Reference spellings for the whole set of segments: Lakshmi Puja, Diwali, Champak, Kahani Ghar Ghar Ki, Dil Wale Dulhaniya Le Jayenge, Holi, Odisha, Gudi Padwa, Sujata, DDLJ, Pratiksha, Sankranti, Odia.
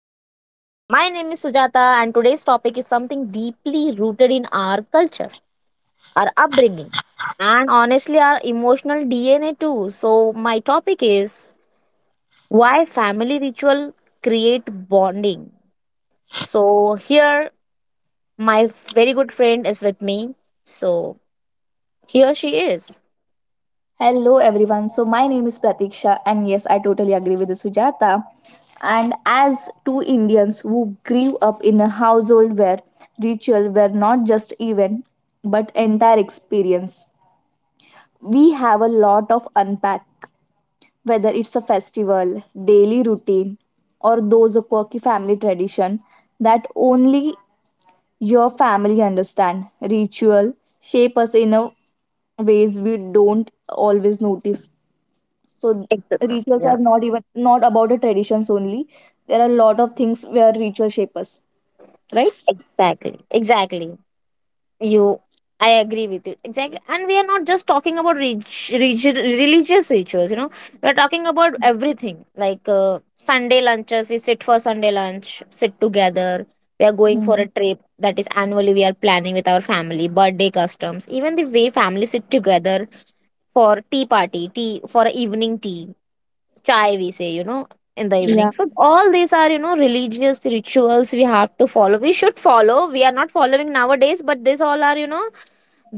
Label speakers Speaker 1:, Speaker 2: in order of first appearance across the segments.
Speaker 1: Are. My name is Sujata and today's topic is something deeply rooted in our culture, our upbringing, and honestly our emotional DNA too. So my topic is why family ritual create bonding. So here my very good friend is with me, so here she is.
Speaker 2: Hello everyone. So my name is Pratiksha and yes, I totally agree with Sujata. And as two Indians who grew up in a household where ritual were not just event but entire experience, we have a lot of unpack whether it's a festival, daily routine or those a quirky family tradition that only your family understand. Ritual shape us in a ways we don't always notice so rituals
Speaker 1: Yeah,
Speaker 2: are not even not about the traditions only, there are a lot of things where ritual shape us, right?
Speaker 1: exactly. Exactly. You, I agree with you. Exactly. And we are not just talking about religious rituals, we're talking about everything like Sunday lunches. We sit for Sunday lunch, sit together. We are going for a
Speaker 2: Hmm.
Speaker 1: trip that is annually we are planning with our family, birthday customs, even the way family sit together for tea party, tea for evening tea, chai we say, in the evening.
Speaker 2: Yeah.
Speaker 1: So all these are, religious rituals, we have to follow, we should follow. We are not following nowadays, but this all are,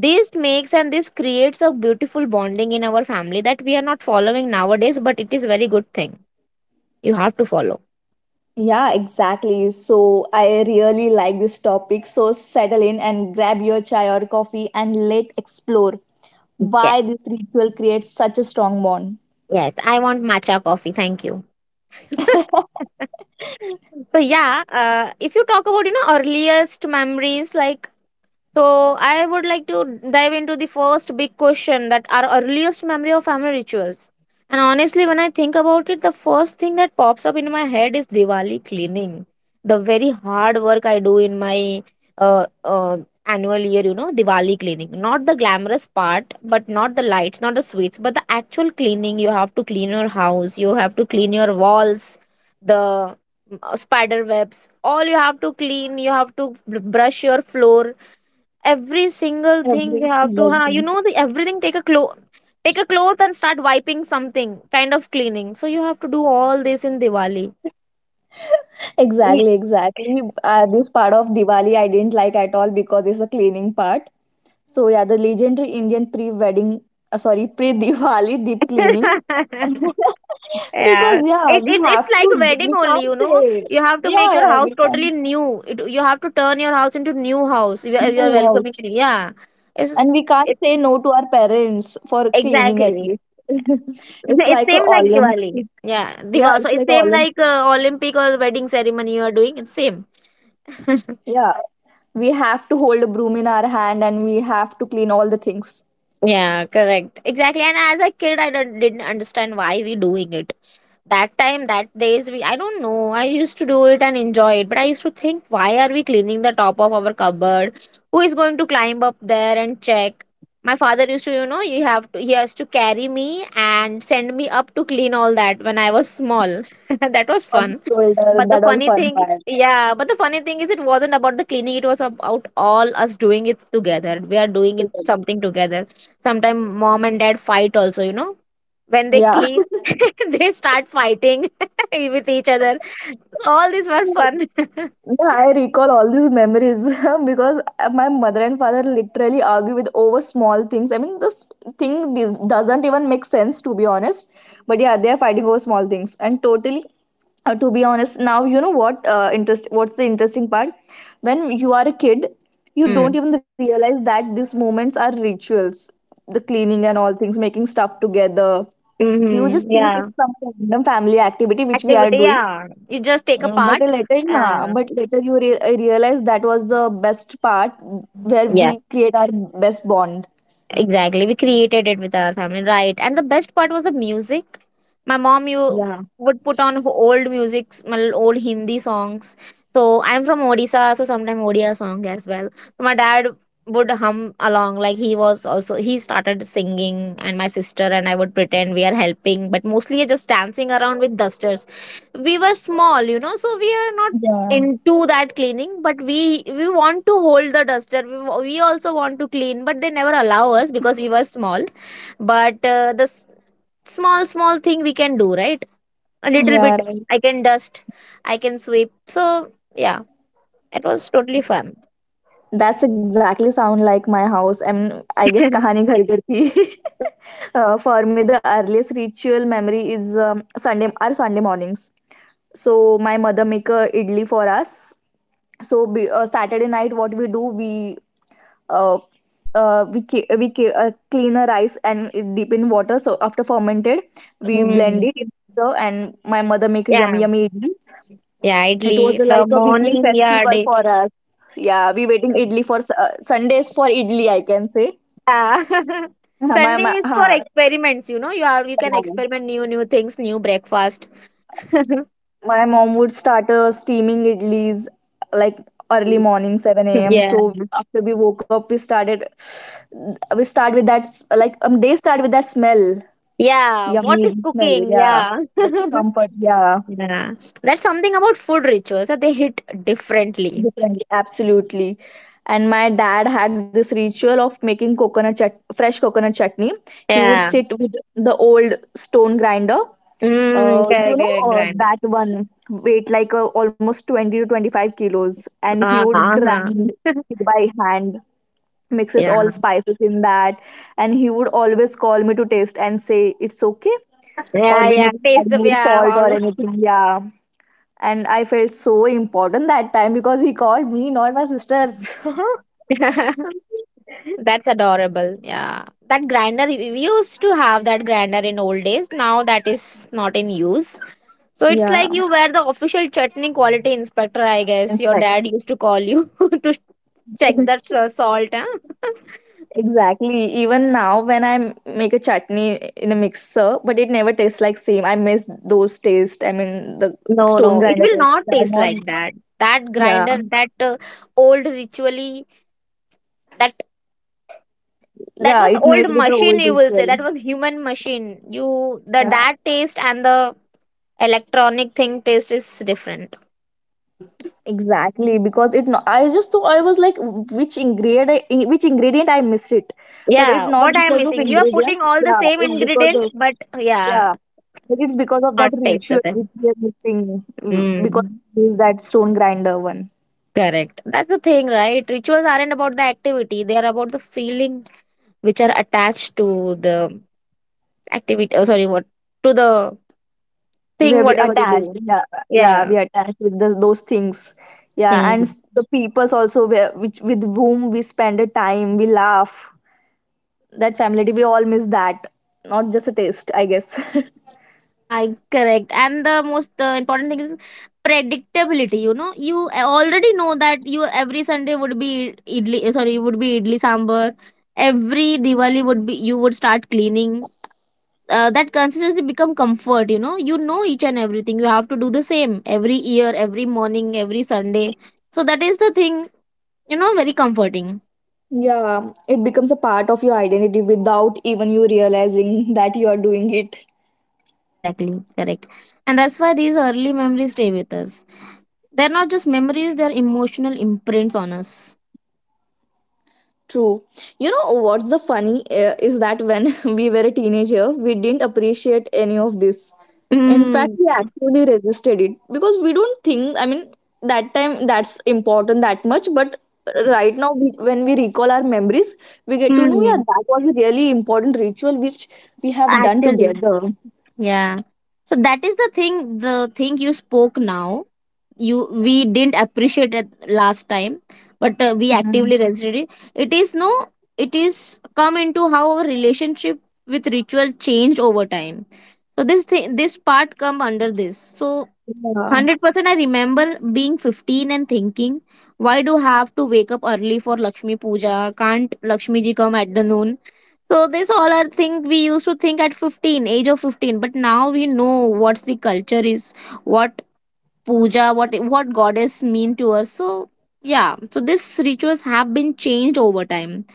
Speaker 1: this makes and this creates a beautiful bonding in our family that we are not following nowadays, but it is very good thing. You have to follow.
Speaker 2: Yeah, exactly, so I really like this topic, so settle in and grab your chai or coffee and let's explore
Speaker 1: Yeah,
Speaker 2: why this ritual creates such a strong bond.
Speaker 1: yes, I want matcha coffee, thank you. So yeah, if you talk about earliest memories, like so I would like to dive into the first big question that our earliest memory of family rituals. And honestly, when I think about it, the first thing that pops up in my head is Diwali cleaning. The very hard work I do in my uh, uh, annual year, you know, Diwali cleaning. Not the glamorous part, but not the lights, not the sweets, but the actual cleaning. You have to clean your house, you have to clean your walls, the spider webs, all you have to clean. You have to brush your floor, every single thing you
Speaker 2: Every
Speaker 1: have to
Speaker 2: single
Speaker 1: have, you
Speaker 2: thing.
Speaker 1: know, the everything. Take a cloth, take a cloth and start wiping, something kind of cleaning. So you have to do all this in Diwali. Ye-
Speaker 2: Exactly, exactly. This part of Diwali I didn't like at all because it's a cleaning part. So yeah, the legendary Indian pre-wedding, sorry, pre-Diwali deep cleaning.
Speaker 1: yeah,
Speaker 2: Because yeah,
Speaker 1: it,
Speaker 2: we
Speaker 1: it, it's
Speaker 2: have
Speaker 1: like
Speaker 2: to,
Speaker 1: a wedding
Speaker 2: we
Speaker 1: only,
Speaker 2: can't
Speaker 1: you
Speaker 2: say,
Speaker 1: know. You have to
Speaker 2: yeah,
Speaker 1: make your
Speaker 2: yeah,
Speaker 1: house
Speaker 2: we can't
Speaker 1: totally new. You have to turn your house into new house. You are
Speaker 2: do house.
Speaker 1: welcoming, yeah. it's
Speaker 2: And we can't
Speaker 1: it's
Speaker 2: say no to our parents for cleaning at
Speaker 1: exactly.
Speaker 2: least. It's
Speaker 1: It's
Speaker 2: like a
Speaker 1: same like Diwali,
Speaker 2: Olympic.
Speaker 1: yeah.
Speaker 2: Yeah,
Speaker 1: Diva. So
Speaker 2: it's
Speaker 1: it's
Speaker 2: like a
Speaker 1: same like
Speaker 2: Olympic.
Speaker 1: Olympic or wedding ceremony you are doing, it's same.
Speaker 2: Yeah, we have to hold a broom in our hand and we have to clean all the things
Speaker 1: Yeah, correct. Exactly. And as a kid, I don't, didn't understand why we doing it. That time, that days, we I don't know. I used to do it and enjoy it, but I used to think, why are we cleaning the top of our cupboard? Who is going to climb up there and check? My father used to, you know, you have to, he has to carry me and send me up to clean all that when I was small. That was
Speaker 2: on the
Speaker 1: fun.
Speaker 2: shoulder.
Speaker 1: But the
Speaker 2: That was a
Speaker 1: funny
Speaker 2: fun
Speaker 1: thing,
Speaker 2: part.
Speaker 1: yeah, but the funny thing is, it wasn't about the cleaning. It was about all us doing it together. We are doing it something together. Sometimes mom and dad fight also, you know, when they
Speaker 2: Yeah.
Speaker 1: clean, they start fighting with each other. All these were
Speaker 2: Sure.
Speaker 1: fun.
Speaker 2: Yeah, I recall all these memories because my mother and father literally argue with over small things. I mean, this thing is, doesn't even make sense to be honest. But yeah, they are fighting over small things, and totally. To be honest, now you know what interest. What's the interesting part? When you are a kid, you don't
Speaker 1: Hmm.
Speaker 2: even realize that these moments are rituals, the cleaning and all things, making stuff together. You
Speaker 1: Mm-hmm.
Speaker 2: just think
Speaker 1: Yeah.
Speaker 2: it's some random family activity which we are
Speaker 1: Activity.
Speaker 2: doing,
Speaker 1: Yeah. You just take a
Speaker 2: but
Speaker 1: part.
Speaker 2: later, yeah,
Speaker 1: Uh,
Speaker 2: but later you re I realized that was the best part where
Speaker 1: yeah.
Speaker 2: we create our best bond.
Speaker 1: Exactly. We created it with our family, right? And the best part was the music. My mom, you
Speaker 2: Yeah.
Speaker 1: would put on old music, old Hindi songs. So I'm from Odisha, so sometimes Odia song as well. So my dad would hum along, like he was also he started singing, and my sister and I would pretend we are helping, but mostly just dancing around with dusters. We were small, you know, so we are not
Speaker 2: Yeah,
Speaker 1: into that cleaning, but we want to hold the duster. We we also want to clean, but they never allow us because we were small. But small small thing we can do, right? A little bit.
Speaker 2: yeah, right.
Speaker 1: I can dust, I can sweep, so yeah, it was totally fun.
Speaker 2: That's exactly sound like my house. And I guess Kahani Ghar Ghar Ki. For me, the earliest
Speaker 1: Yeah.
Speaker 2: ritual memory is Sunday, our Sunday mornings. So
Speaker 1: Mm,
Speaker 2: my
Speaker 1: yeah.
Speaker 2: mother make a idli for us. So
Speaker 1: Yeah, idli
Speaker 2: Saturday night,
Speaker 1: sambar.
Speaker 2: what we do, uh, we ca- clean a rice and it dip in water. So after fermented, we blend
Speaker 1: Hmm.
Speaker 2: it. In So And my mother make a yummy
Speaker 1: Yeah.
Speaker 2: yummy idlis.
Speaker 1: Yeah,
Speaker 2: It
Speaker 1: idli.
Speaker 2: was
Speaker 1: The
Speaker 2: like a weekly
Speaker 1: morning, yeah,
Speaker 2: festival
Speaker 1: day.
Speaker 2: for us. Yeah, we waiting idli for Sundays for idli, I can say.
Speaker 1: Yeah.
Speaker 2: Uh, My
Speaker 1: Sunday
Speaker 2: my,
Speaker 1: is for
Speaker 2: uh,
Speaker 1: experiments, you know. You can experiment new new things, new breakfast.
Speaker 2: my mom would start steaming idlis like early morning 7 a.m.
Speaker 1: Yeah.
Speaker 2: So after we woke up, we started. We start with that they start with that smell,
Speaker 1: Yeah. What is
Speaker 2: yummy smell,
Speaker 1: cooking?
Speaker 2: yeah,
Speaker 1: Yeah.
Speaker 2: the comfort, yeah,
Speaker 1: Yeah. That's something about food rituals that they hit differently.
Speaker 2: different, absolutely. And my dad had this ritual of making fresh coconut chutney. He would
Speaker 1: Yeah.
Speaker 2: sit with the old stone grinder.
Speaker 1: Mm,
Speaker 2: You
Speaker 1: correct,
Speaker 2: know,
Speaker 1: correct, grand.
Speaker 2: that one weight like almost 20 to 25 kilos, and he would
Speaker 1: Uh-huh.
Speaker 2: grind it by hand, mixes
Speaker 1: Yeah.
Speaker 2: all spices in that. And he would always call me to taste and say it's okay or
Speaker 1: Yeah,
Speaker 2: we
Speaker 1: yeah.
Speaker 2: need to add
Speaker 1: Taste of,
Speaker 2: more
Speaker 1: yeah,
Speaker 2: salt or
Speaker 1: all.
Speaker 2: anything, yeah. And I felt so important that time because he called me, not my sisters.
Speaker 1: That's adorable. Yeah. That grinder we used to have that grinder in old days. Now that is not in use. So it's like
Speaker 2: Yeah,
Speaker 1: you were the official chutney quality inspector, I
Speaker 2: in
Speaker 1: guess.
Speaker 2: fact,
Speaker 1: Your dad used to call you to check that salt. Huh?
Speaker 2: exactly. Even now, when I make a chutney in a mixer, but it never tastes like same. I miss those taste. I mean, the
Speaker 1: No,
Speaker 2: stone
Speaker 1: no, it
Speaker 2: grinder
Speaker 1: will
Speaker 2: taste.
Speaker 1: not
Speaker 2: Yeah,
Speaker 1: taste
Speaker 2: not
Speaker 1: like that. That
Speaker 2: yeah,
Speaker 1: grinder, that old ritually, that that
Speaker 2: yeah.
Speaker 1: was
Speaker 2: It made
Speaker 1: old
Speaker 2: with the
Speaker 1: machine.
Speaker 2: old
Speaker 1: You will say
Speaker 2: ritual.
Speaker 1: that was human machine. You the
Speaker 2: Yeah.
Speaker 1: that taste and the electronic thing taste is different.
Speaker 2: Exactly, because it. No, I just thought I was like, which ingredient? Which ingredient I missed it, but it
Speaker 1: Yeah,
Speaker 2: not
Speaker 1: what I am
Speaker 2: because of
Speaker 1: missing. You are
Speaker 2: ingredients.
Speaker 1: putting all the
Speaker 2: Yeah,
Speaker 1: same
Speaker 2: it's because
Speaker 1: ingredient,
Speaker 2: of,
Speaker 1: but yeah,
Speaker 2: yeah, but it's because of that
Speaker 1: not taste
Speaker 2: ritual
Speaker 1: the
Speaker 2: which
Speaker 1: same.
Speaker 2: we are missing, mm, because
Speaker 1: Mm.
Speaker 2: we use that stone grinder one.
Speaker 1: Correct. That's the thing, right? Rituals aren't about the activity; they are about the feeling which are attached to the activity. Oh, sorry, what to the thing,
Speaker 2: Where we
Speaker 1: whatever you
Speaker 2: attach,
Speaker 1: do.
Speaker 2: yeah, yeah,
Speaker 1: Yeah.
Speaker 2: we attached with the, those things, yeah, and the peoples also where which with whom we spend a time, we laugh. That family, we all miss that. Not just a taste, I guess.
Speaker 1: Hi, correct. And the most important thing is predictability. You know, you already know that you every Sunday would be idli. Sorry, would be idli sambar. Every Diwali would be you would start cleaning. That consistency become comfort. You know each and everything. You have to do the same every year, every morning, every Sunday. So that is the thing. You know, very comforting.
Speaker 2: Yeah, it becomes a part of your identity without even you realizing that you are doing it.
Speaker 1: Exactly, correct. And that's why these early memories stay with us. They're not just memories, they're emotional imprints on us.
Speaker 2: True. You know what's the funny is that when we were a teenager, we didn't appreciate any of this. In fact,
Speaker 1: Mm,
Speaker 2: we actually resisted it because we don't think, I mean, that time that's important that much, but right now when we recall our memories, we get to know, yeah,
Speaker 1: mm,
Speaker 2: that was a really important ritual which we have done
Speaker 1: actually.
Speaker 2: together.
Speaker 1: Yeah. So that is the thing you spoke now. You we didn't appreciate it last time, but we
Speaker 2: Mhm.
Speaker 1: actively resisted it. It is no, it is come into how our relationship with ritual changed over time. So this thing, this part come under this. So
Speaker 2: Yeah.
Speaker 1: 100% I remember being 15 and thinking, why do have to wake up early for Lakshmi Puja? Can't Lakshmi ji come at the noon? So this all are thing we used to think at 15, age of 15, but now we know what's the culture is, what puja, what goddess mean to us. So yeah, so these rituals have been changed over time.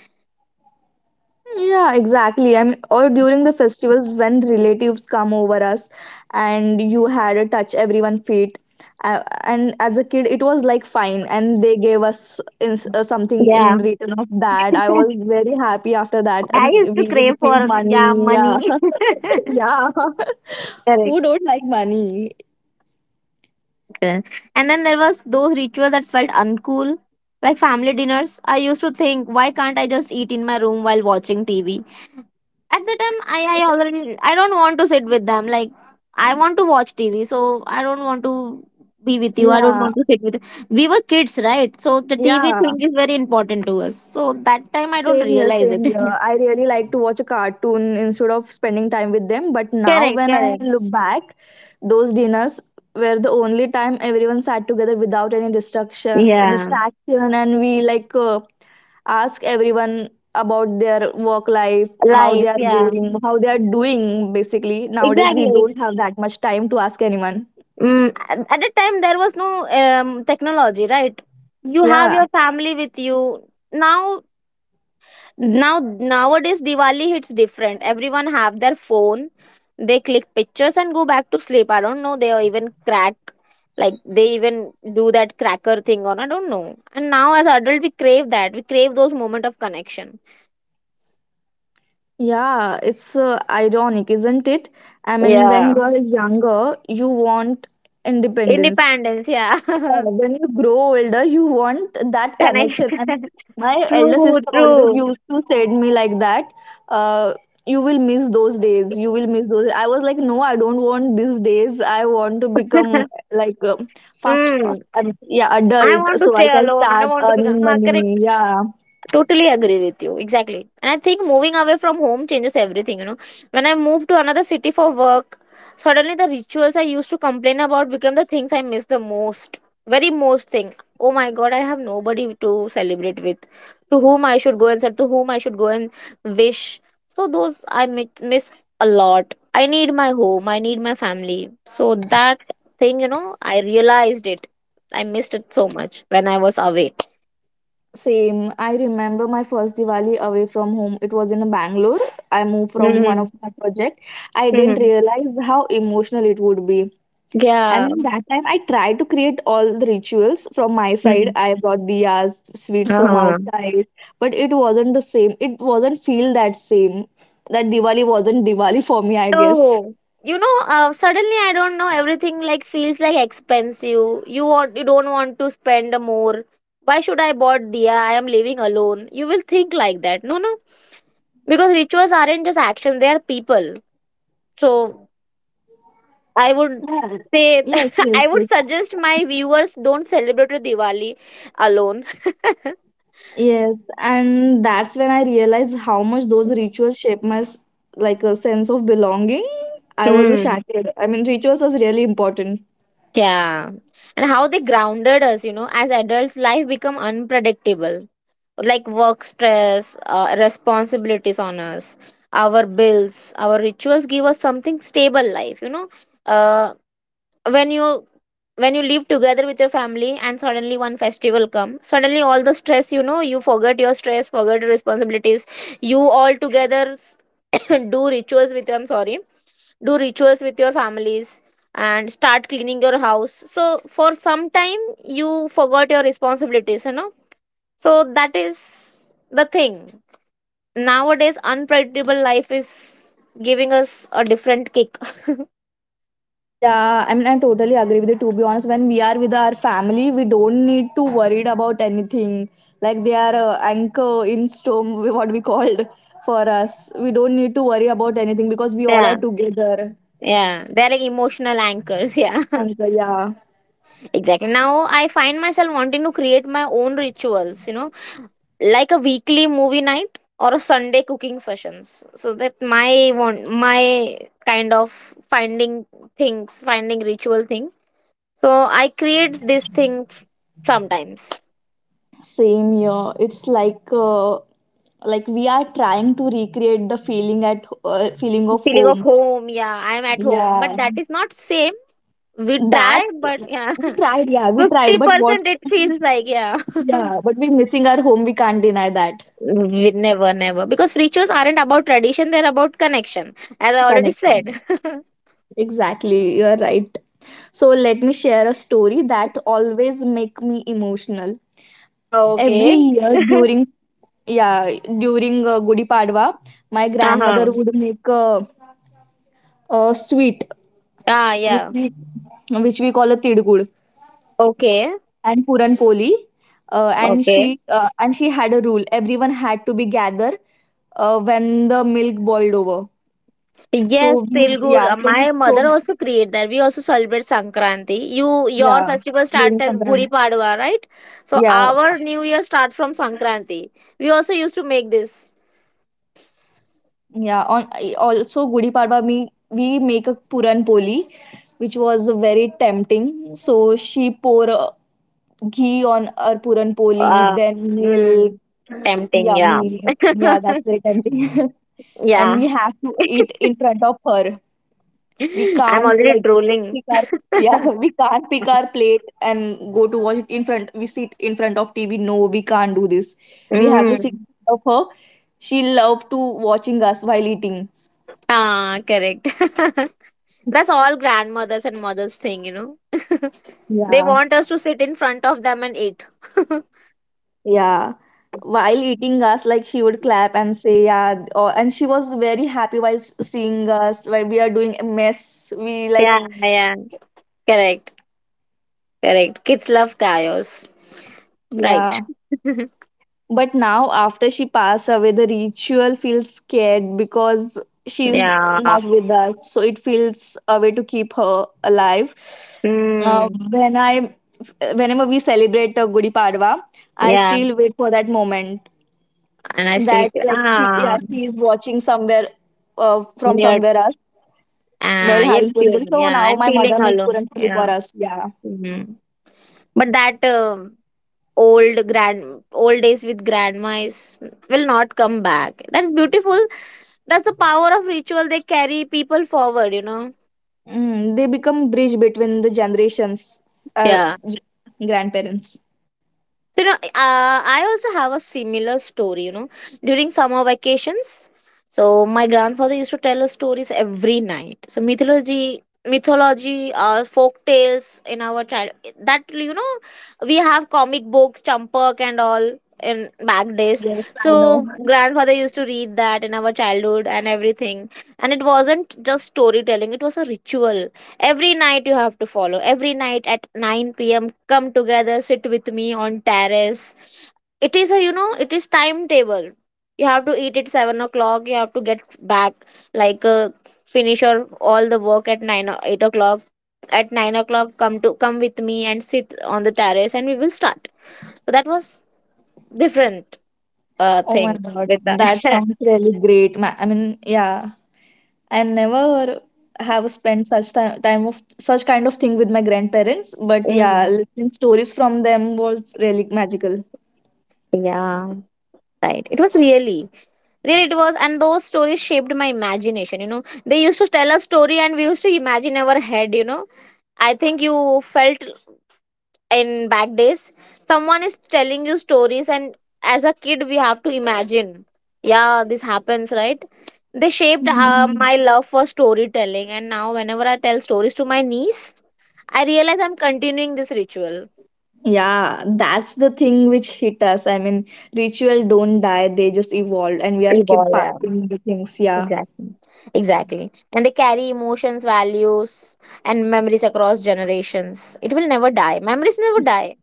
Speaker 2: Yeah, exactly. I mean, or during the festivals when relatives come over us, and you had a touch everyone feet, and as a kid it was like fine, and they gave us something
Speaker 1: Yeah.
Speaker 2: in return of that. I was very happy after that. I
Speaker 1: I
Speaker 2: mean,
Speaker 1: used to
Speaker 2: we
Speaker 1: crave
Speaker 2: received
Speaker 1: for, yeah,
Speaker 2: money. Yeah,
Speaker 1: money.
Speaker 2: yeah. Who
Speaker 1: Correct.
Speaker 2: don't like money?
Speaker 1: Uh, And then there was those rituals that felt uncool, like family dinners. I used to think, why can't I just eat in my room while watching TV? At the time, I already I don't want to sit with them. Like I want to watch TV, so I don't want to be with you. I don't
Speaker 2: Yeah,
Speaker 1: want to sit with you. We were kids, right? So the TV
Speaker 2: yeah.
Speaker 1: thing is very important to us. So that time I don't
Speaker 2: Same here,
Speaker 1: realize it.
Speaker 2: same here. I really like to watch a cartoon instead of spending time with them. But now,
Speaker 1: Correct,
Speaker 2: when I
Speaker 1: correct.
Speaker 2: look back, those dinners were the only time everyone sat together without any
Speaker 1: Yeah.
Speaker 2: distraction, and we like ask everyone about their work life, how they
Speaker 1: Life,
Speaker 2: are
Speaker 1: yeah.
Speaker 2: going, how they are doing. Basically, nowadays we
Speaker 1: Exactly.
Speaker 2: don't have that much time to ask anyone.
Speaker 1: Mm, at that time, there was no technology, right? You have
Speaker 2: Yeah,
Speaker 1: your family with you. Now, nowadays, Diwali hits different. Everyone have their phone. They click pictures and go back to sleep. I don't know. They are even crack, like they even do that cracker thing on. I don't know. And now, as adult, we crave that. We crave those moment of connection.
Speaker 2: yeah, it's ironic, isn't it? I mean, when
Speaker 1: Yeah,
Speaker 2: you are younger, you want independence.
Speaker 1: independence. Yeah,
Speaker 2: When you grow older, you want that
Speaker 1: connect.
Speaker 2: connection. And my elder
Speaker 1: True,
Speaker 2: sister always
Speaker 1: true.
Speaker 2: used to say to me like that, uh, you will miss those days. You will miss those. I was like, no, I don't want these days. I want to become like fast,
Speaker 1: Mm.
Speaker 2: yeah,
Speaker 1: I
Speaker 2: adult,
Speaker 1: want to
Speaker 2: so I
Speaker 1: stay
Speaker 2: can
Speaker 1: alone. I
Speaker 2: start
Speaker 1: want to become.
Speaker 2: earning
Speaker 1: Akare
Speaker 2: money. Yeah.
Speaker 1: totally agree with you. Exactly. And I think moving away from home changes everything, you know. When I moved to another city for work, suddenly the rituals I used to complain about became the things I miss the most. Very most thing. Oh my god, I have nobody to celebrate with. To whom I should go and say, to whom I should go and wish. So those I miss a lot. I need my home. I need my family. So that thing, you know, I realized it. I missed it so much when I was away.
Speaker 2: Same. I remember my first Diwali away from home. It was in Bangalore. I moved from one
Speaker 1: Hmm.
Speaker 2: of my project. I didn't
Speaker 1: Hmm.
Speaker 2: realize how emotional it would be. I
Speaker 1: Yeah.
Speaker 2: mean, that time I tried to create all the rituals from my side.
Speaker 1: Mm.
Speaker 2: I brought diyas, sweets from
Speaker 1: Uh-huh.
Speaker 2: outside, but it wasn't the same. It wasn't feel that same. That Diwali wasn't Diwali for me, I guess.
Speaker 1: So, you know, suddenly I don't know, everything like feels like expensive. You want, you don't want to spend more. Why should I bought Dia? I am living alone. You will think like that. No, no. Because rituals aren't just action, they are people. So, I would
Speaker 2: Yeah.
Speaker 1: say,
Speaker 2: Yes, yes,
Speaker 1: I would
Speaker 2: yes.
Speaker 1: suggest my viewers don't celebrate Diwali alone.
Speaker 2: Yes, and that's when I realized how much those rituals shape my like a sense of belonging. I was a
Speaker 1: Hmm.
Speaker 2: shattered. I mean, rituals was really important.
Speaker 1: Yeah. And how they grounded us, you know, as adults, life become unpredictable. Like work stress, responsibilities on us, our bills, our rituals give us something stable life, you know. Uh, when you when you live together with your family, and suddenly one festival come, suddenly all the stress, you forget your stress, forget your responsibilities, you all together do rituals with i'm sorry do rituals with your families and start cleaning your house. So for some time you forgot your responsibilities, so that is the thing. Nowadays unpredictable life is giving us a different kick.
Speaker 2: Yeah, I mean, I totally agree with you. To be honest, when we are with our family, we don't need to worried about anything. Like they are anchor in storm, what we called for us. We don't need to worry about anything because we all are
Speaker 1: Yeah.
Speaker 2: together.
Speaker 1: Yeah, they're like emotional anchors, yeah.
Speaker 2: Anchor, yeah.
Speaker 1: Exactly. Now I find myself wanting to create my own rituals, like a weekly movie night or a Sunday cooking sessions, so that my kind of finding things, finding ritual thing. So I create this thing sometimes.
Speaker 2: Same here. It's like we are trying to recreate the feeling at feeling of
Speaker 1: Feeling of
Speaker 2: home.
Speaker 1: home, yeah, I'm at
Speaker 2: Yeah.
Speaker 1: home but that is not same. We
Speaker 2: that
Speaker 1: try but yeah.
Speaker 2: we tried yeah we tried, but what?
Speaker 1: 50% it feels like, yeah.
Speaker 2: Yeah, but we're missing our home, we can't deny that.
Speaker 1: We never, never, because rituals aren't about tradition, they're about connection, as I already
Speaker 2: Connection,
Speaker 1: said.
Speaker 2: exactly, you are right. So let me share a story that always make me emotional.
Speaker 1: Ah,
Speaker 2: Every
Speaker 1: okay.
Speaker 2: year during, yeah, during Gudi Padwa, my grandmother
Speaker 1: Uh-huh.
Speaker 2: would make a sweet
Speaker 1: Ah,
Speaker 2: which
Speaker 1: yeah.
Speaker 2: we which we call a tidgud
Speaker 1: Okay.
Speaker 2: and puranpoli. And
Speaker 1: Okay.
Speaker 2: she and she had a rule: everyone had to be gathered when the milk boiled over.
Speaker 1: Yes,
Speaker 2: So we,
Speaker 1: Telugu.
Speaker 2: yeah, so
Speaker 1: My
Speaker 2: so
Speaker 1: mother also create that. We also celebrate Sankranti. Your
Speaker 2: yeah,
Speaker 1: festival start
Speaker 2: during
Speaker 1: as Gudi
Speaker 2: Sankranti.
Speaker 1: Padwa, right? So
Speaker 2: Yeah,
Speaker 1: our New Year start from Sankranti. We also used to make this.
Speaker 2: yeah. On also Gudi Padwa, we make a puran poli, which was very tempting. So she pour ghee on her puran poli,
Speaker 1: Uh,
Speaker 2: then milk.
Speaker 1: mm, Tempting, yeah.
Speaker 2: Yummy. Yeah, that's very tempting. And
Speaker 1: Yeah.
Speaker 2: we have to eat in front of her. We
Speaker 1: I'm
Speaker 2: can't
Speaker 1: already
Speaker 2: like
Speaker 1: drooling.
Speaker 2: pick our, yeah, we can't pick our plate and go to watch it in front. We sit in front of TV. No, we can't do this. We have to sit in
Speaker 1: Mm.
Speaker 2: front of her. She loved to watching us while eating.
Speaker 1: Ah, correct. That's all grandmothers and mothers thing,
Speaker 2: Yeah.
Speaker 1: They want us to sit in front of them and eat.
Speaker 2: Yeah. While eating us, like she would clap and say, yeah, and she was very happy while seeing us, while we are doing a mess. We like,
Speaker 1: Yeah, yeah. Correct, correct. Kids love chaos. Right.
Speaker 2: yeah. But now, after she passed away, the ritual feels scared because she's
Speaker 1: Yeah.
Speaker 2: not with us. So it feels a way to keep her alive. Uh,
Speaker 1: Mm.
Speaker 2: when I, whenever we celebrate Gudi Padwa, I
Speaker 1: Yeah.
Speaker 2: still wait for that moment
Speaker 1: And I still
Speaker 2: that like she is watching somewhere from
Speaker 1: yet
Speaker 2: somewhere else while having Puran Poli. So
Speaker 1: yeah,
Speaker 2: now
Speaker 1: and
Speaker 2: my
Speaker 1: feeling
Speaker 2: mother makes
Speaker 1: alone.
Speaker 2: Puran Poli
Speaker 1: Yeah.
Speaker 2: for us. Yeah,
Speaker 1: Mm. But that old grand old days with grandma is will not come back. That's beautiful. That's the power of ritual. They carry people forward. You know.
Speaker 2: mm, they become bridge between the generations, our
Speaker 1: Yeah.
Speaker 2: grandparents.
Speaker 1: So, I also have a similar story, during summer vacations. So, my grandfather used to tell us stories every night. So, mythology, or folk tales in our child. That, we have comic books, Champak and all in back days.
Speaker 2: Yes, I know.
Speaker 1: So, grandfather used to read that in our childhood and everything. And it wasn't just storytelling, it was a ritual. Every night you have to follow. Every night at 9 p.m., come together, sit with me on terrace. It is a, it is timetable. You have to eat at 7 o'clock. You have to get back like finish your all the work at 9 or 8 o'clock. At 9 o'clock, come with me and sit on the terrace, and we will start. So that was different
Speaker 2: Oh my
Speaker 1: thing
Speaker 2: God,
Speaker 1: with
Speaker 2: that
Speaker 1: that.
Speaker 2: sounds really great. I mean, yeah, I never have spent such time of such kind of thing with my grandparents, but yeah,
Speaker 1: Mm.
Speaker 2: listening stories from them was really magical.
Speaker 1: Yeah, right. It was really, it was, and those stories shaped my imagination. You know, they used to tell a story, and we used to imagine our head. You know, I think you felt in back days, someone is telling you stories, and as a kid, we have to imagine. Yeah, this happens, right? They shaped
Speaker 2: Mhm.
Speaker 1: my love for storytelling, and now whenever I tell stories to my niece, I realize I'm continuing this ritual.
Speaker 2: Yeah, that's the thing which hit us. I mean, ritual don't die, they just evolved, and we are kept
Speaker 1: Evolve, yeah.
Speaker 2: passing the things. Yeah.
Speaker 1: Exactly. Exactly. And they carry emotions, values, and memories across generations. It will never die. Memories never die.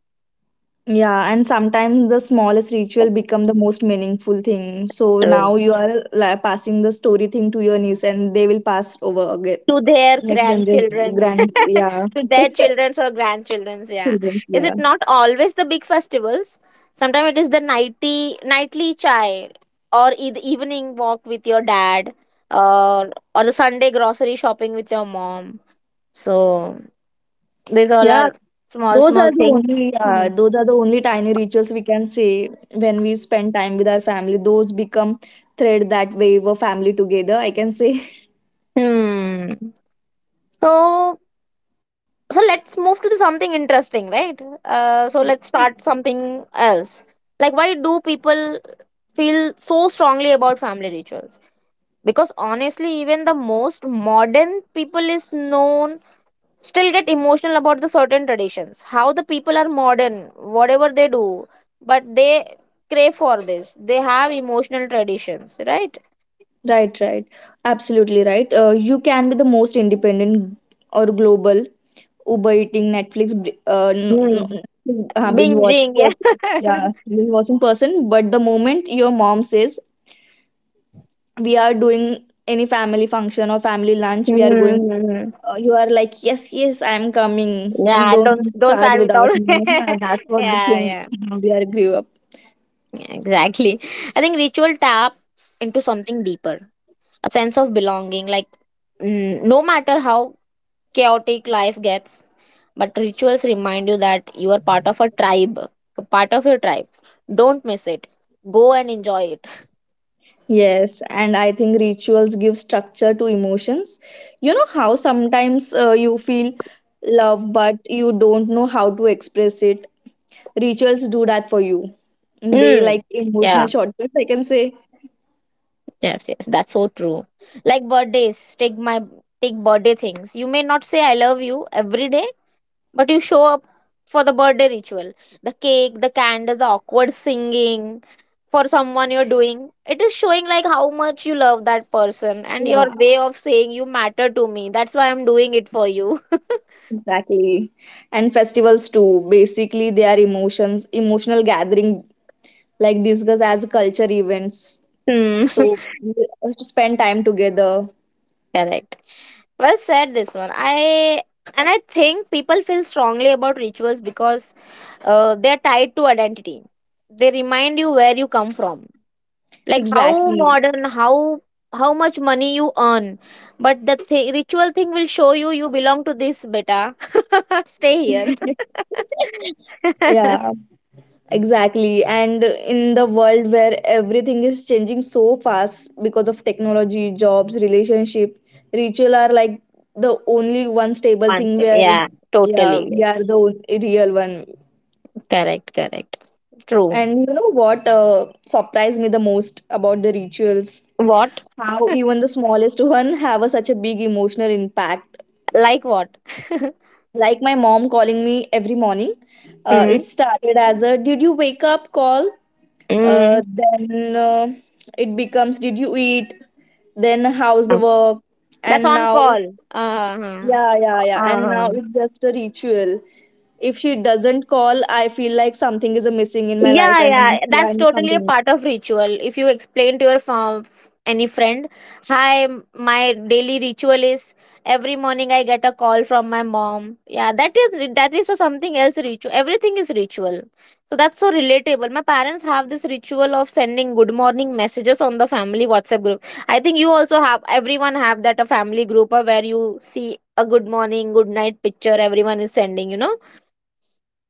Speaker 2: Yeah, and sometimes the smallest ritual become the most meaningful thing. So
Speaker 1: True.
Speaker 2: now you are like, passing the story thing to your niece, and they will pass over again
Speaker 1: To their
Speaker 2: next generation
Speaker 1: grandchildrens,
Speaker 2: grand yeah
Speaker 1: to their childrens or grandchildrens, yeah.
Speaker 2: children
Speaker 1: Is
Speaker 2: yeah
Speaker 1: it not always the big festivals? Sometimes it is the nightly chai or the evening walk with your dad, or the Sunday grocery shopping with your mom. So these all
Speaker 2: yeah
Speaker 1: are small,
Speaker 2: those
Speaker 1: small
Speaker 2: are the
Speaker 1: things.
Speaker 2: only
Speaker 1: Hmm.
Speaker 2: those are the only tiny rituals we can say when we spend time with our family those become thread that wave a family together I can say.
Speaker 1: Hmm. So, let's move to the something interesting, right? So let's start something else. Like, why do people feel so strongly about family rituals? Because honestly, even the most modern people is known still get emotional about the certain traditions. How the people are modern, whatever they do, but they crave for this. They have emotional traditions, right?
Speaker 2: Right, right, absolutely right. You can be the most independent or global uber eating netflix
Speaker 1: Hmm.
Speaker 2: binge watching
Speaker 1: Binging, yeah.
Speaker 2: person yeah binge watching person. But the moment your mom says we are doing any family function or family lunch, we are going.
Speaker 1: Hmm.
Speaker 2: You are like yes, yes, I am coming and
Speaker 1: Yeah, don't
Speaker 2: don't
Speaker 1: don't
Speaker 2: start
Speaker 1: start without.
Speaker 2: without me. That's what the
Speaker 1: Yeah,
Speaker 2: thing.
Speaker 1: yeah,
Speaker 2: We are grew up.
Speaker 1: yeah, exactly. I think ritual tap into something deeper, a sense of belonging. Like, no matter how chaotic life gets, but rituals remind you that you are part of a tribe, a part of your tribe. Don't miss it. Go and enjoy it.
Speaker 2: Yes, and I think rituals give structure to emotions. You know how sometimes you feel love but you don't know how to express it. Rituals do that for you. They like
Speaker 1: Mm.
Speaker 2: emotional
Speaker 1: Yeah.
Speaker 2: shortcuts, I can say.
Speaker 1: Yes. Yes. That's so true. Like birthdays. Take birthday things. You may not say I love you every day, but you show up for the birthday ritual, the cake, the candle, the awkward singing. For someone you're doing it, is showing like how much you love that person, and
Speaker 2: Yeah,
Speaker 1: your way of saying you matter to me, that's why I'm doing it for you.
Speaker 2: exactly. And festivals too. Basically, they are emotions, emotional gathering, like discuss as culture events.
Speaker 1: Hmm.
Speaker 2: So we have to spend time together.
Speaker 1: Correct. Well said this one. I think people feel strongly about rituals because they're tied to identity. They remind you where you come from, like how
Speaker 2: Exactly.
Speaker 1: modern how much money you earn, but the ritual thing will show you belong to this beta. Stay here.
Speaker 2: Yeah, exactly. And in the world where everything is changing so fast because of technology, jobs, relationship, ritual are like the only one stable
Speaker 1: One
Speaker 2: thing
Speaker 1: thing,
Speaker 2: where,
Speaker 1: yeah.
Speaker 2: yeah,
Speaker 1: Totally,
Speaker 2: we are
Speaker 1: yes.
Speaker 2: the real one.
Speaker 1: Correct, correct. True.
Speaker 2: And you know what surprised me the most about the rituals?
Speaker 1: What?
Speaker 2: How even the smallest one have a, such a big emotional impact.
Speaker 1: Like what?
Speaker 2: Like my mom calling me every morning.
Speaker 1: Mm.
Speaker 2: It started as a "Did you wake up?" call. Uh,
Speaker 1: Mm.
Speaker 2: then uh, it becomes "Did you eat?" Then how's the work?
Speaker 1: That's
Speaker 2: And
Speaker 1: on
Speaker 2: now,
Speaker 1: call. Uh-huh.
Speaker 2: yeah, yeah, yeah. And
Speaker 1: Uh-huh.
Speaker 2: now it's just a ritual. If she doesn't call, I feel like something is missing in my life.
Speaker 1: Yeah,
Speaker 2: I
Speaker 1: yeah,
Speaker 2: mean, yeah, I
Speaker 1: that's
Speaker 2: mean
Speaker 1: totally a
Speaker 2: something.
Speaker 1: part of ritual. If you explain to your any friend, hi, my daily ritual is every morning I get a call from my mom. Yeah, that is a something else ritual. Everything is ritual, so that's so relatable. My parents have this ritual of sending good morning messages on the family WhatsApp group. I think you also have. Everyone have that a family group, where you see a good morning, good night picture. Everyone is sending. You know.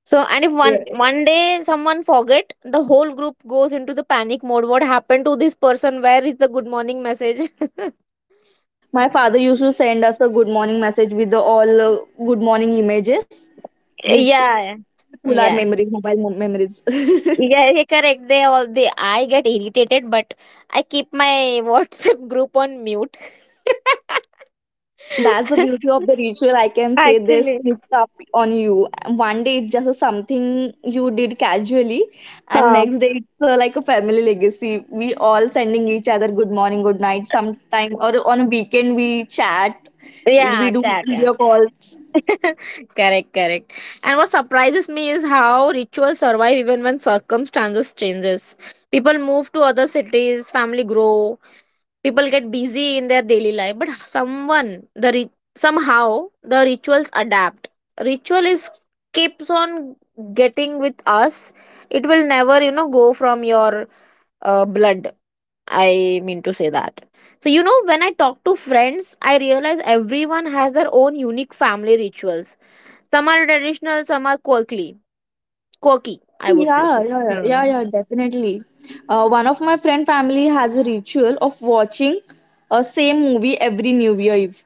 Speaker 1: So, and if one
Speaker 2: Yeah.
Speaker 1: one day someone forget, the whole group goes into the panic mode. What happened to this person? Where is the good morning message?
Speaker 2: My father used to send us a good morning message with the all good morning images, which
Speaker 1: Yeah,
Speaker 2: full our
Speaker 1: yeah,
Speaker 2: memories, mobile memories.
Speaker 1: yeah. Yeah, correct. They all they. I get irritated, but I keep my WhatsApp group on mute.
Speaker 2: That's the beauty of the ritual. I can say this
Speaker 1: Actually,
Speaker 2: sneaks up on you. One day it's just a something you did casually, and
Speaker 1: um,
Speaker 2: next day it's like a family legacy. We all sending each other good morning, good night. Sometime or on a weekend we chat. We
Speaker 1: yeah,
Speaker 2: do
Speaker 1: chat. Yeah.
Speaker 2: video calls.
Speaker 1: Correct, correct. And what surprises me is how rituals survive even when circumstances changes. People move to other cities, family grow, people get busy in their daily life, but somehow the rituals adapt. Ritual is keeps on getting with us. It will never, go from your blood. I mean to say that. So when I talk to friends, I realize everyone has their own unique family rituals, some are traditional, some are quirky. Quirky,
Speaker 2: Oh
Speaker 1: I would
Speaker 2: yeah,
Speaker 1: prefer.
Speaker 2: yeah, yeah, yeah,
Speaker 1: Hmm.
Speaker 2: yeah, definitely. One of my friend family has a ritual of watching a same movie every New Year Eve,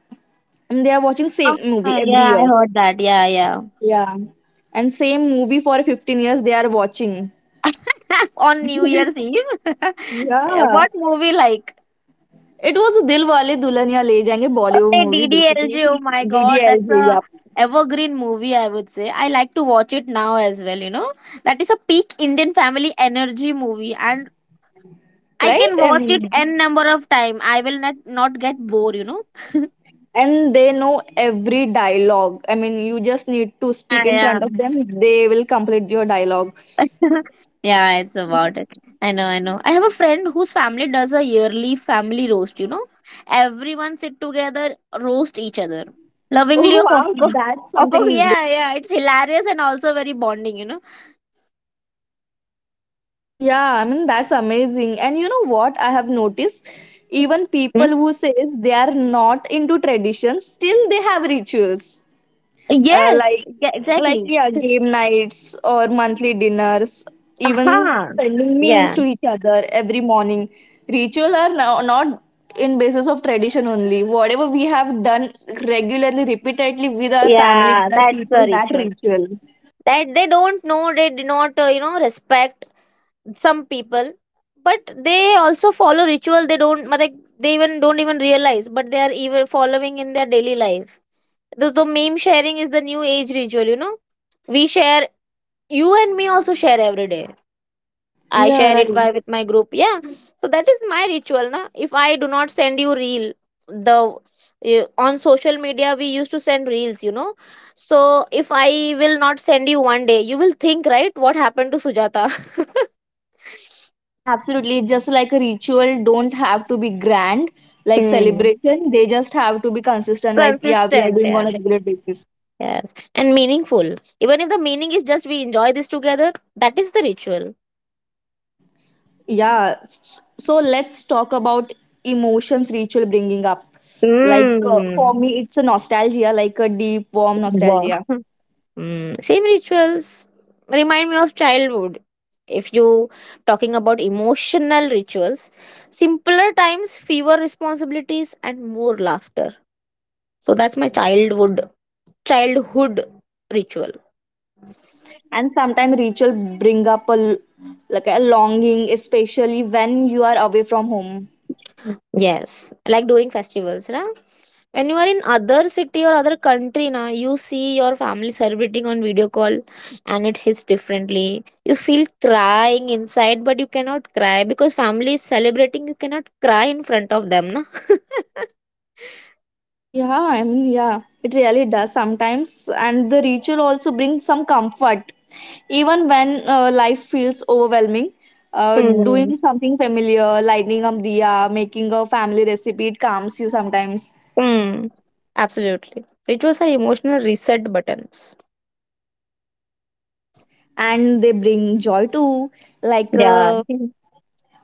Speaker 2: and they are watching
Speaker 1: Oh,
Speaker 2: same movie every
Speaker 1: yeah, I
Speaker 2: year.
Speaker 1: heard that. Yeah, yeah.
Speaker 2: Yeah, and same movie for 15 years they are watching.
Speaker 1: On New Year's Eve. Yeah, what movie like?
Speaker 2: It was Dil Wale Dulhaniya Le Jayenge Bollywood
Speaker 1: Hey,
Speaker 2: movie basically.
Speaker 1: DDLJ, oh my god, that's
Speaker 2: DDLJ,
Speaker 1: a
Speaker 2: yeah.
Speaker 1: evergreen movie, I would say. I like to watch it now as well. That is a peak Indian family energy movie, and I
Speaker 2: Right?
Speaker 1: can
Speaker 2: I
Speaker 1: watch it
Speaker 2: mean,
Speaker 1: n number of time. I will not not get bored.
Speaker 2: and they know every dialogue. I mean, you just need to
Speaker 1: Yeah,
Speaker 2: speak in
Speaker 1: yeah.
Speaker 2: front of them; they will complete your dialogue.
Speaker 1: Yeah, it's about it. I know, I know. I have a friend whose family does a yearly family roast. Everyone sit together, roast each other. Lovingly
Speaker 2: Oh
Speaker 1: of
Speaker 2: wow,
Speaker 1: course.
Speaker 2: that's
Speaker 1: Of
Speaker 2: something.
Speaker 1: yeah, yeah. It's hilarious and also very bonding.
Speaker 2: Yeah, I mean that's amazing. And you know what I have noticed? Even
Speaker 1: Hmm?
Speaker 2: people who says they are not into traditions, still they have rituals. Uh,
Speaker 1: Yes,
Speaker 2: like
Speaker 1: yeah,
Speaker 2: like
Speaker 1: exactly.
Speaker 2: yeah, game nights or monthly dinners, even
Speaker 1: Uh-huh.
Speaker 2: sending memes
Speaker 1: Yeah.
Speaker 2: to each other every morning. Ritual are now not in basis of tradition only. Whatever we have done regularly, repeatedly with our family,
Speaker 1: Yeah,
Speaker 2: with our
Speaker 1: that's the
Speaker 2: people, that
Speaker 1: ritual.
Speaker 2: ritual.
Speaker 1: That they don't know, they do not, respect some people, but they also follow ritual, they don't, but like they even don't even realize, but they are even following in their daily life. The meme sharing is the new age ritual, we share, you and me also share every day. I
Speaker 2: Yeah,
Speaker 1: share it
Speaker 2: right.
Speaker 1: with my group, yeah, so that is my ritual na. If I do not send you reel, the on social media we used to send reels, so if I will not send you one day you will think, right, what happened to Sujata.
Speaker 2: Absolutely, just like a ritual, don't have to be grand, like celebration. They just have to be consistent, like, yeah, we are
Speaker 1: Consistent,
Speaker 2: doing on
Speaker 1: yeah.
Speaker 2: a regular basis.
Speaker 1: Yes. And meaningful. Even if the meaning is just we enjoy this together, that is the ritual.
Speaker 2: Yeah. So let's talk about emotions ritual bringing up. Like, for
Speaker 1: Mm.
Speaker 2: me, it's a nostalgia, like a deep, warm
Speaker 1: Wow.
Speaker 2: nostalgia.
Speaker 1: Mm, same rituals remind me of childhood. If you talking about emotional rituals, simpler times, fewer responsibilities, and more laughter. So that's my childhood ritual.
Speaker 2: Yeah. And sometimes ritual bring up a, like a longing, especially when you are away from home.
Speaker 1: Yes, like during festivals, right? When you are in other city or other country na, you see your family celebrating on video call and it hits differently, you feel crying inside but you cannot cry because family is celebrating, you cannot cry in front of them na.
Speaker 2: Yeah, I mean, yeah, it really does sometimes. And the ritual also brings some comfort. Even when life feels overwhelming,
Speaker 1: Hmm.
Speaker 2: doing something familiar, lighting up diya, making a family recipe, it calms you sometimes.
Speaker 1: Hmm. Absolutely. Rituals are emotional reset buttons.
Speaker 2: And they bring joy too, like,
Speaker 1: Yeah.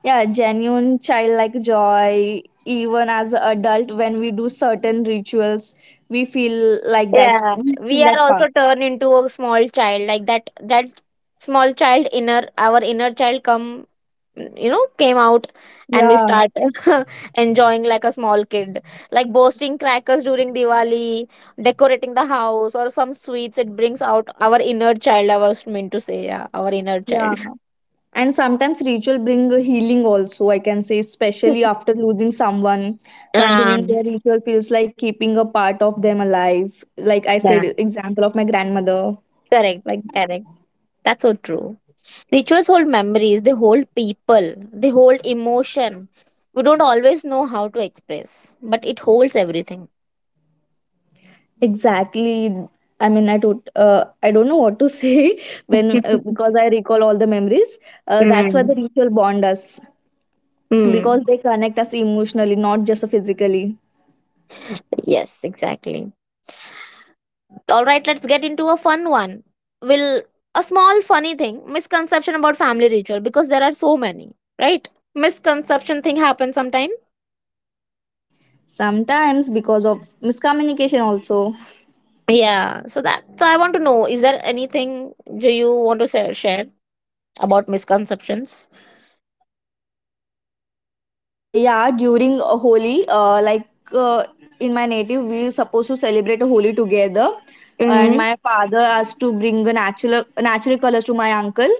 Speaker 2: yeah, genuine childlike joy. Even as an adult, when we do certain rituals, we feel like that's,
Speaker 1: Yeah.
Speaker 2: we
Speaker 1: We
Speaker 2: feel
Speaker 1: are
Speaker 2: that spark.
Speaker 1: also turned into a small child, like that small child, inner our inner child come you know came out, and we
Speaker 2: Yeah,
Speaker 1: start enjoying like a small kid, like bursting crackers during Diwali, decorating the house or some sweets. It brings out our inner child, I was meant to say, yeah, our inner
Speaker 2: yeah.
Speaker 1: child.
Speaker 2: And sometimes ritual bring a healing also, I can say, especially after losing someone.
Speaker 1: Ah,
Speaker 2: Continuing their ritual feels like keeping a part of them alive. Like I said,
Speaker 1: yeah.
Speaker 2: example of my grandmother.
Speaker 1: Correct,
Speaker 2: Like
Speaker 1: correct. That's so true. Rituals hold memories, they hold people, they hold emotion. We don't always know how to express, but it holds everything.
Speaker 2: exactly, I mean, I don't know what to say when
Speaker 1: Mm.
Speaker 2: because I recall all the memories. That's why the ritual bond us
Speaker 1: Mm.
Speaker 2: because they connect us emotionally, not just physically.
Speaker 1: Yes, exactly. All right, let's get into a fun one. Will a small funny thing, misconception about family ritual, because there are so many, right? Misconception thing happens sometime.
Speaker 2: Sometimes because of miscommunication also.
Speaker 1: Yeah, so that so I want to know, is there anything do you want to share about misconceptions?
Speaker 2: Yeah, during Holi, uh, in my native, we supposed to celebrate a Holi together, and
Speaker 1: Mm-hmm.
Speaker 2: my father asked to bring a natural natural colors to my uncle.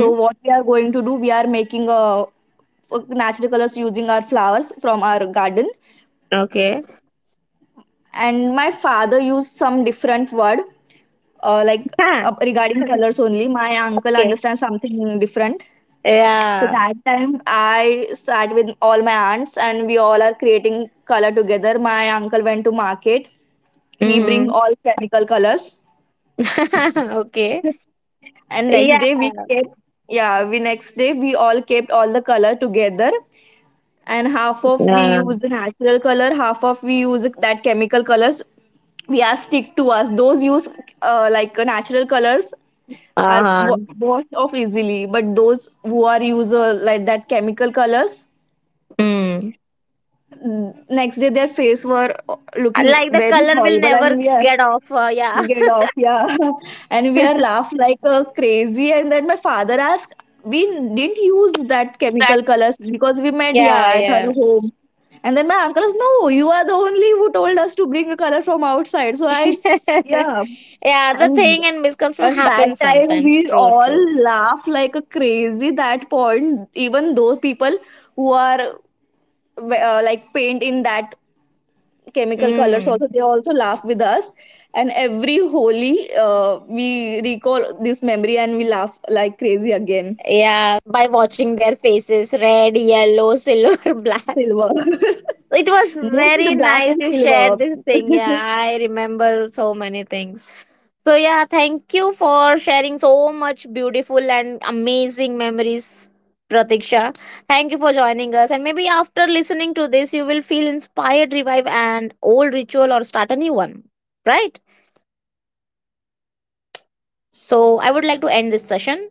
Speaker 2: So what we are going to do, we are making a natural colors using our flowers from our garden,
Speaker 1: Okay.
Speaker 2: and my father used some different word.
Speaker 1: Yeah.
Speaker 2: Regarding colors only my uncle
Speaker 1: Okay.
Speaker 2: understands something different. So
Speaker 1: Yeah.
Speaker 2: that time I sat with all my aunts and we all are creating color together. My uncle went to market. He bring
Speaker 1: Mm-hmm.
Speaker 2: all chemical colors.
Speaker 1: Okay.
Speaker 2: And next
Speaker 1: Yeah.
Speaker 2: day we kept yeah, we next day we all kept all the color together, and half of we
Speaker 1: Yeah.
Speaker 2: use the natural color, half of we use that chemical colors. We are stick to us those use natural colors are
Speaker 1: Uh-huh.
Speaker 2: washed off easily, but those who are user like that chemical colors,
Speaker 1: Mm.
Speaker 2: next day their face were looking
Speaker 1: Like the
Speaker 2: very
Speaker 1: color will
Speaker 2: horrible and
Speaker 1: never
Speaker 2: we are
Speaker 1: get off. Yeah.
Speaker 2: get off yeah. And we are laughed like crazy, and then my father asked we didn't use that chemical colors because we made yeah at her home. And then my uncle is no, you are the only who told us to bring a color from outside, so I yeah. and and that time we all laugh like a crazy that point, even though people who are like paint in that chemical colors also, they also laugh with us. And every holi we recall this memory and we laugh like crazy again.
Speaker 1: Silver. Black.
Speaker 2: Silver
Speaker 1: It was
Speaker 2: most the
Speaker 1: very
Speaker 2: black
Speaker 1: nice
Speaker 2: and
Speaker 1: you
Speaker 2: silver.
Speaker 1: shared this thing. Yeah, I remember so many things. So yeah, thank you for sharing so much beautiful and amazing memories, Pratiksha. Thank you for joining us. And maybe after listening to this, you will feel inspired, revive an old ritual or start a new one. Right? So I would like to end this session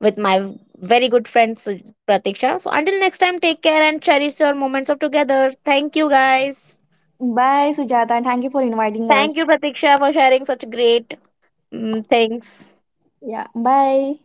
Speaker 1: with my very good friend Pratiksha. So until next time, take care and cherish your moments of together. Thank you guys.
Speaker 2: Bye, Sujata, and thank you for inviting
Speaker 1: Thank you,
Speaker 2: us.
Speaker 1: Pratiksha, for sharing such great things.
Speaker 2: Yeah, bye.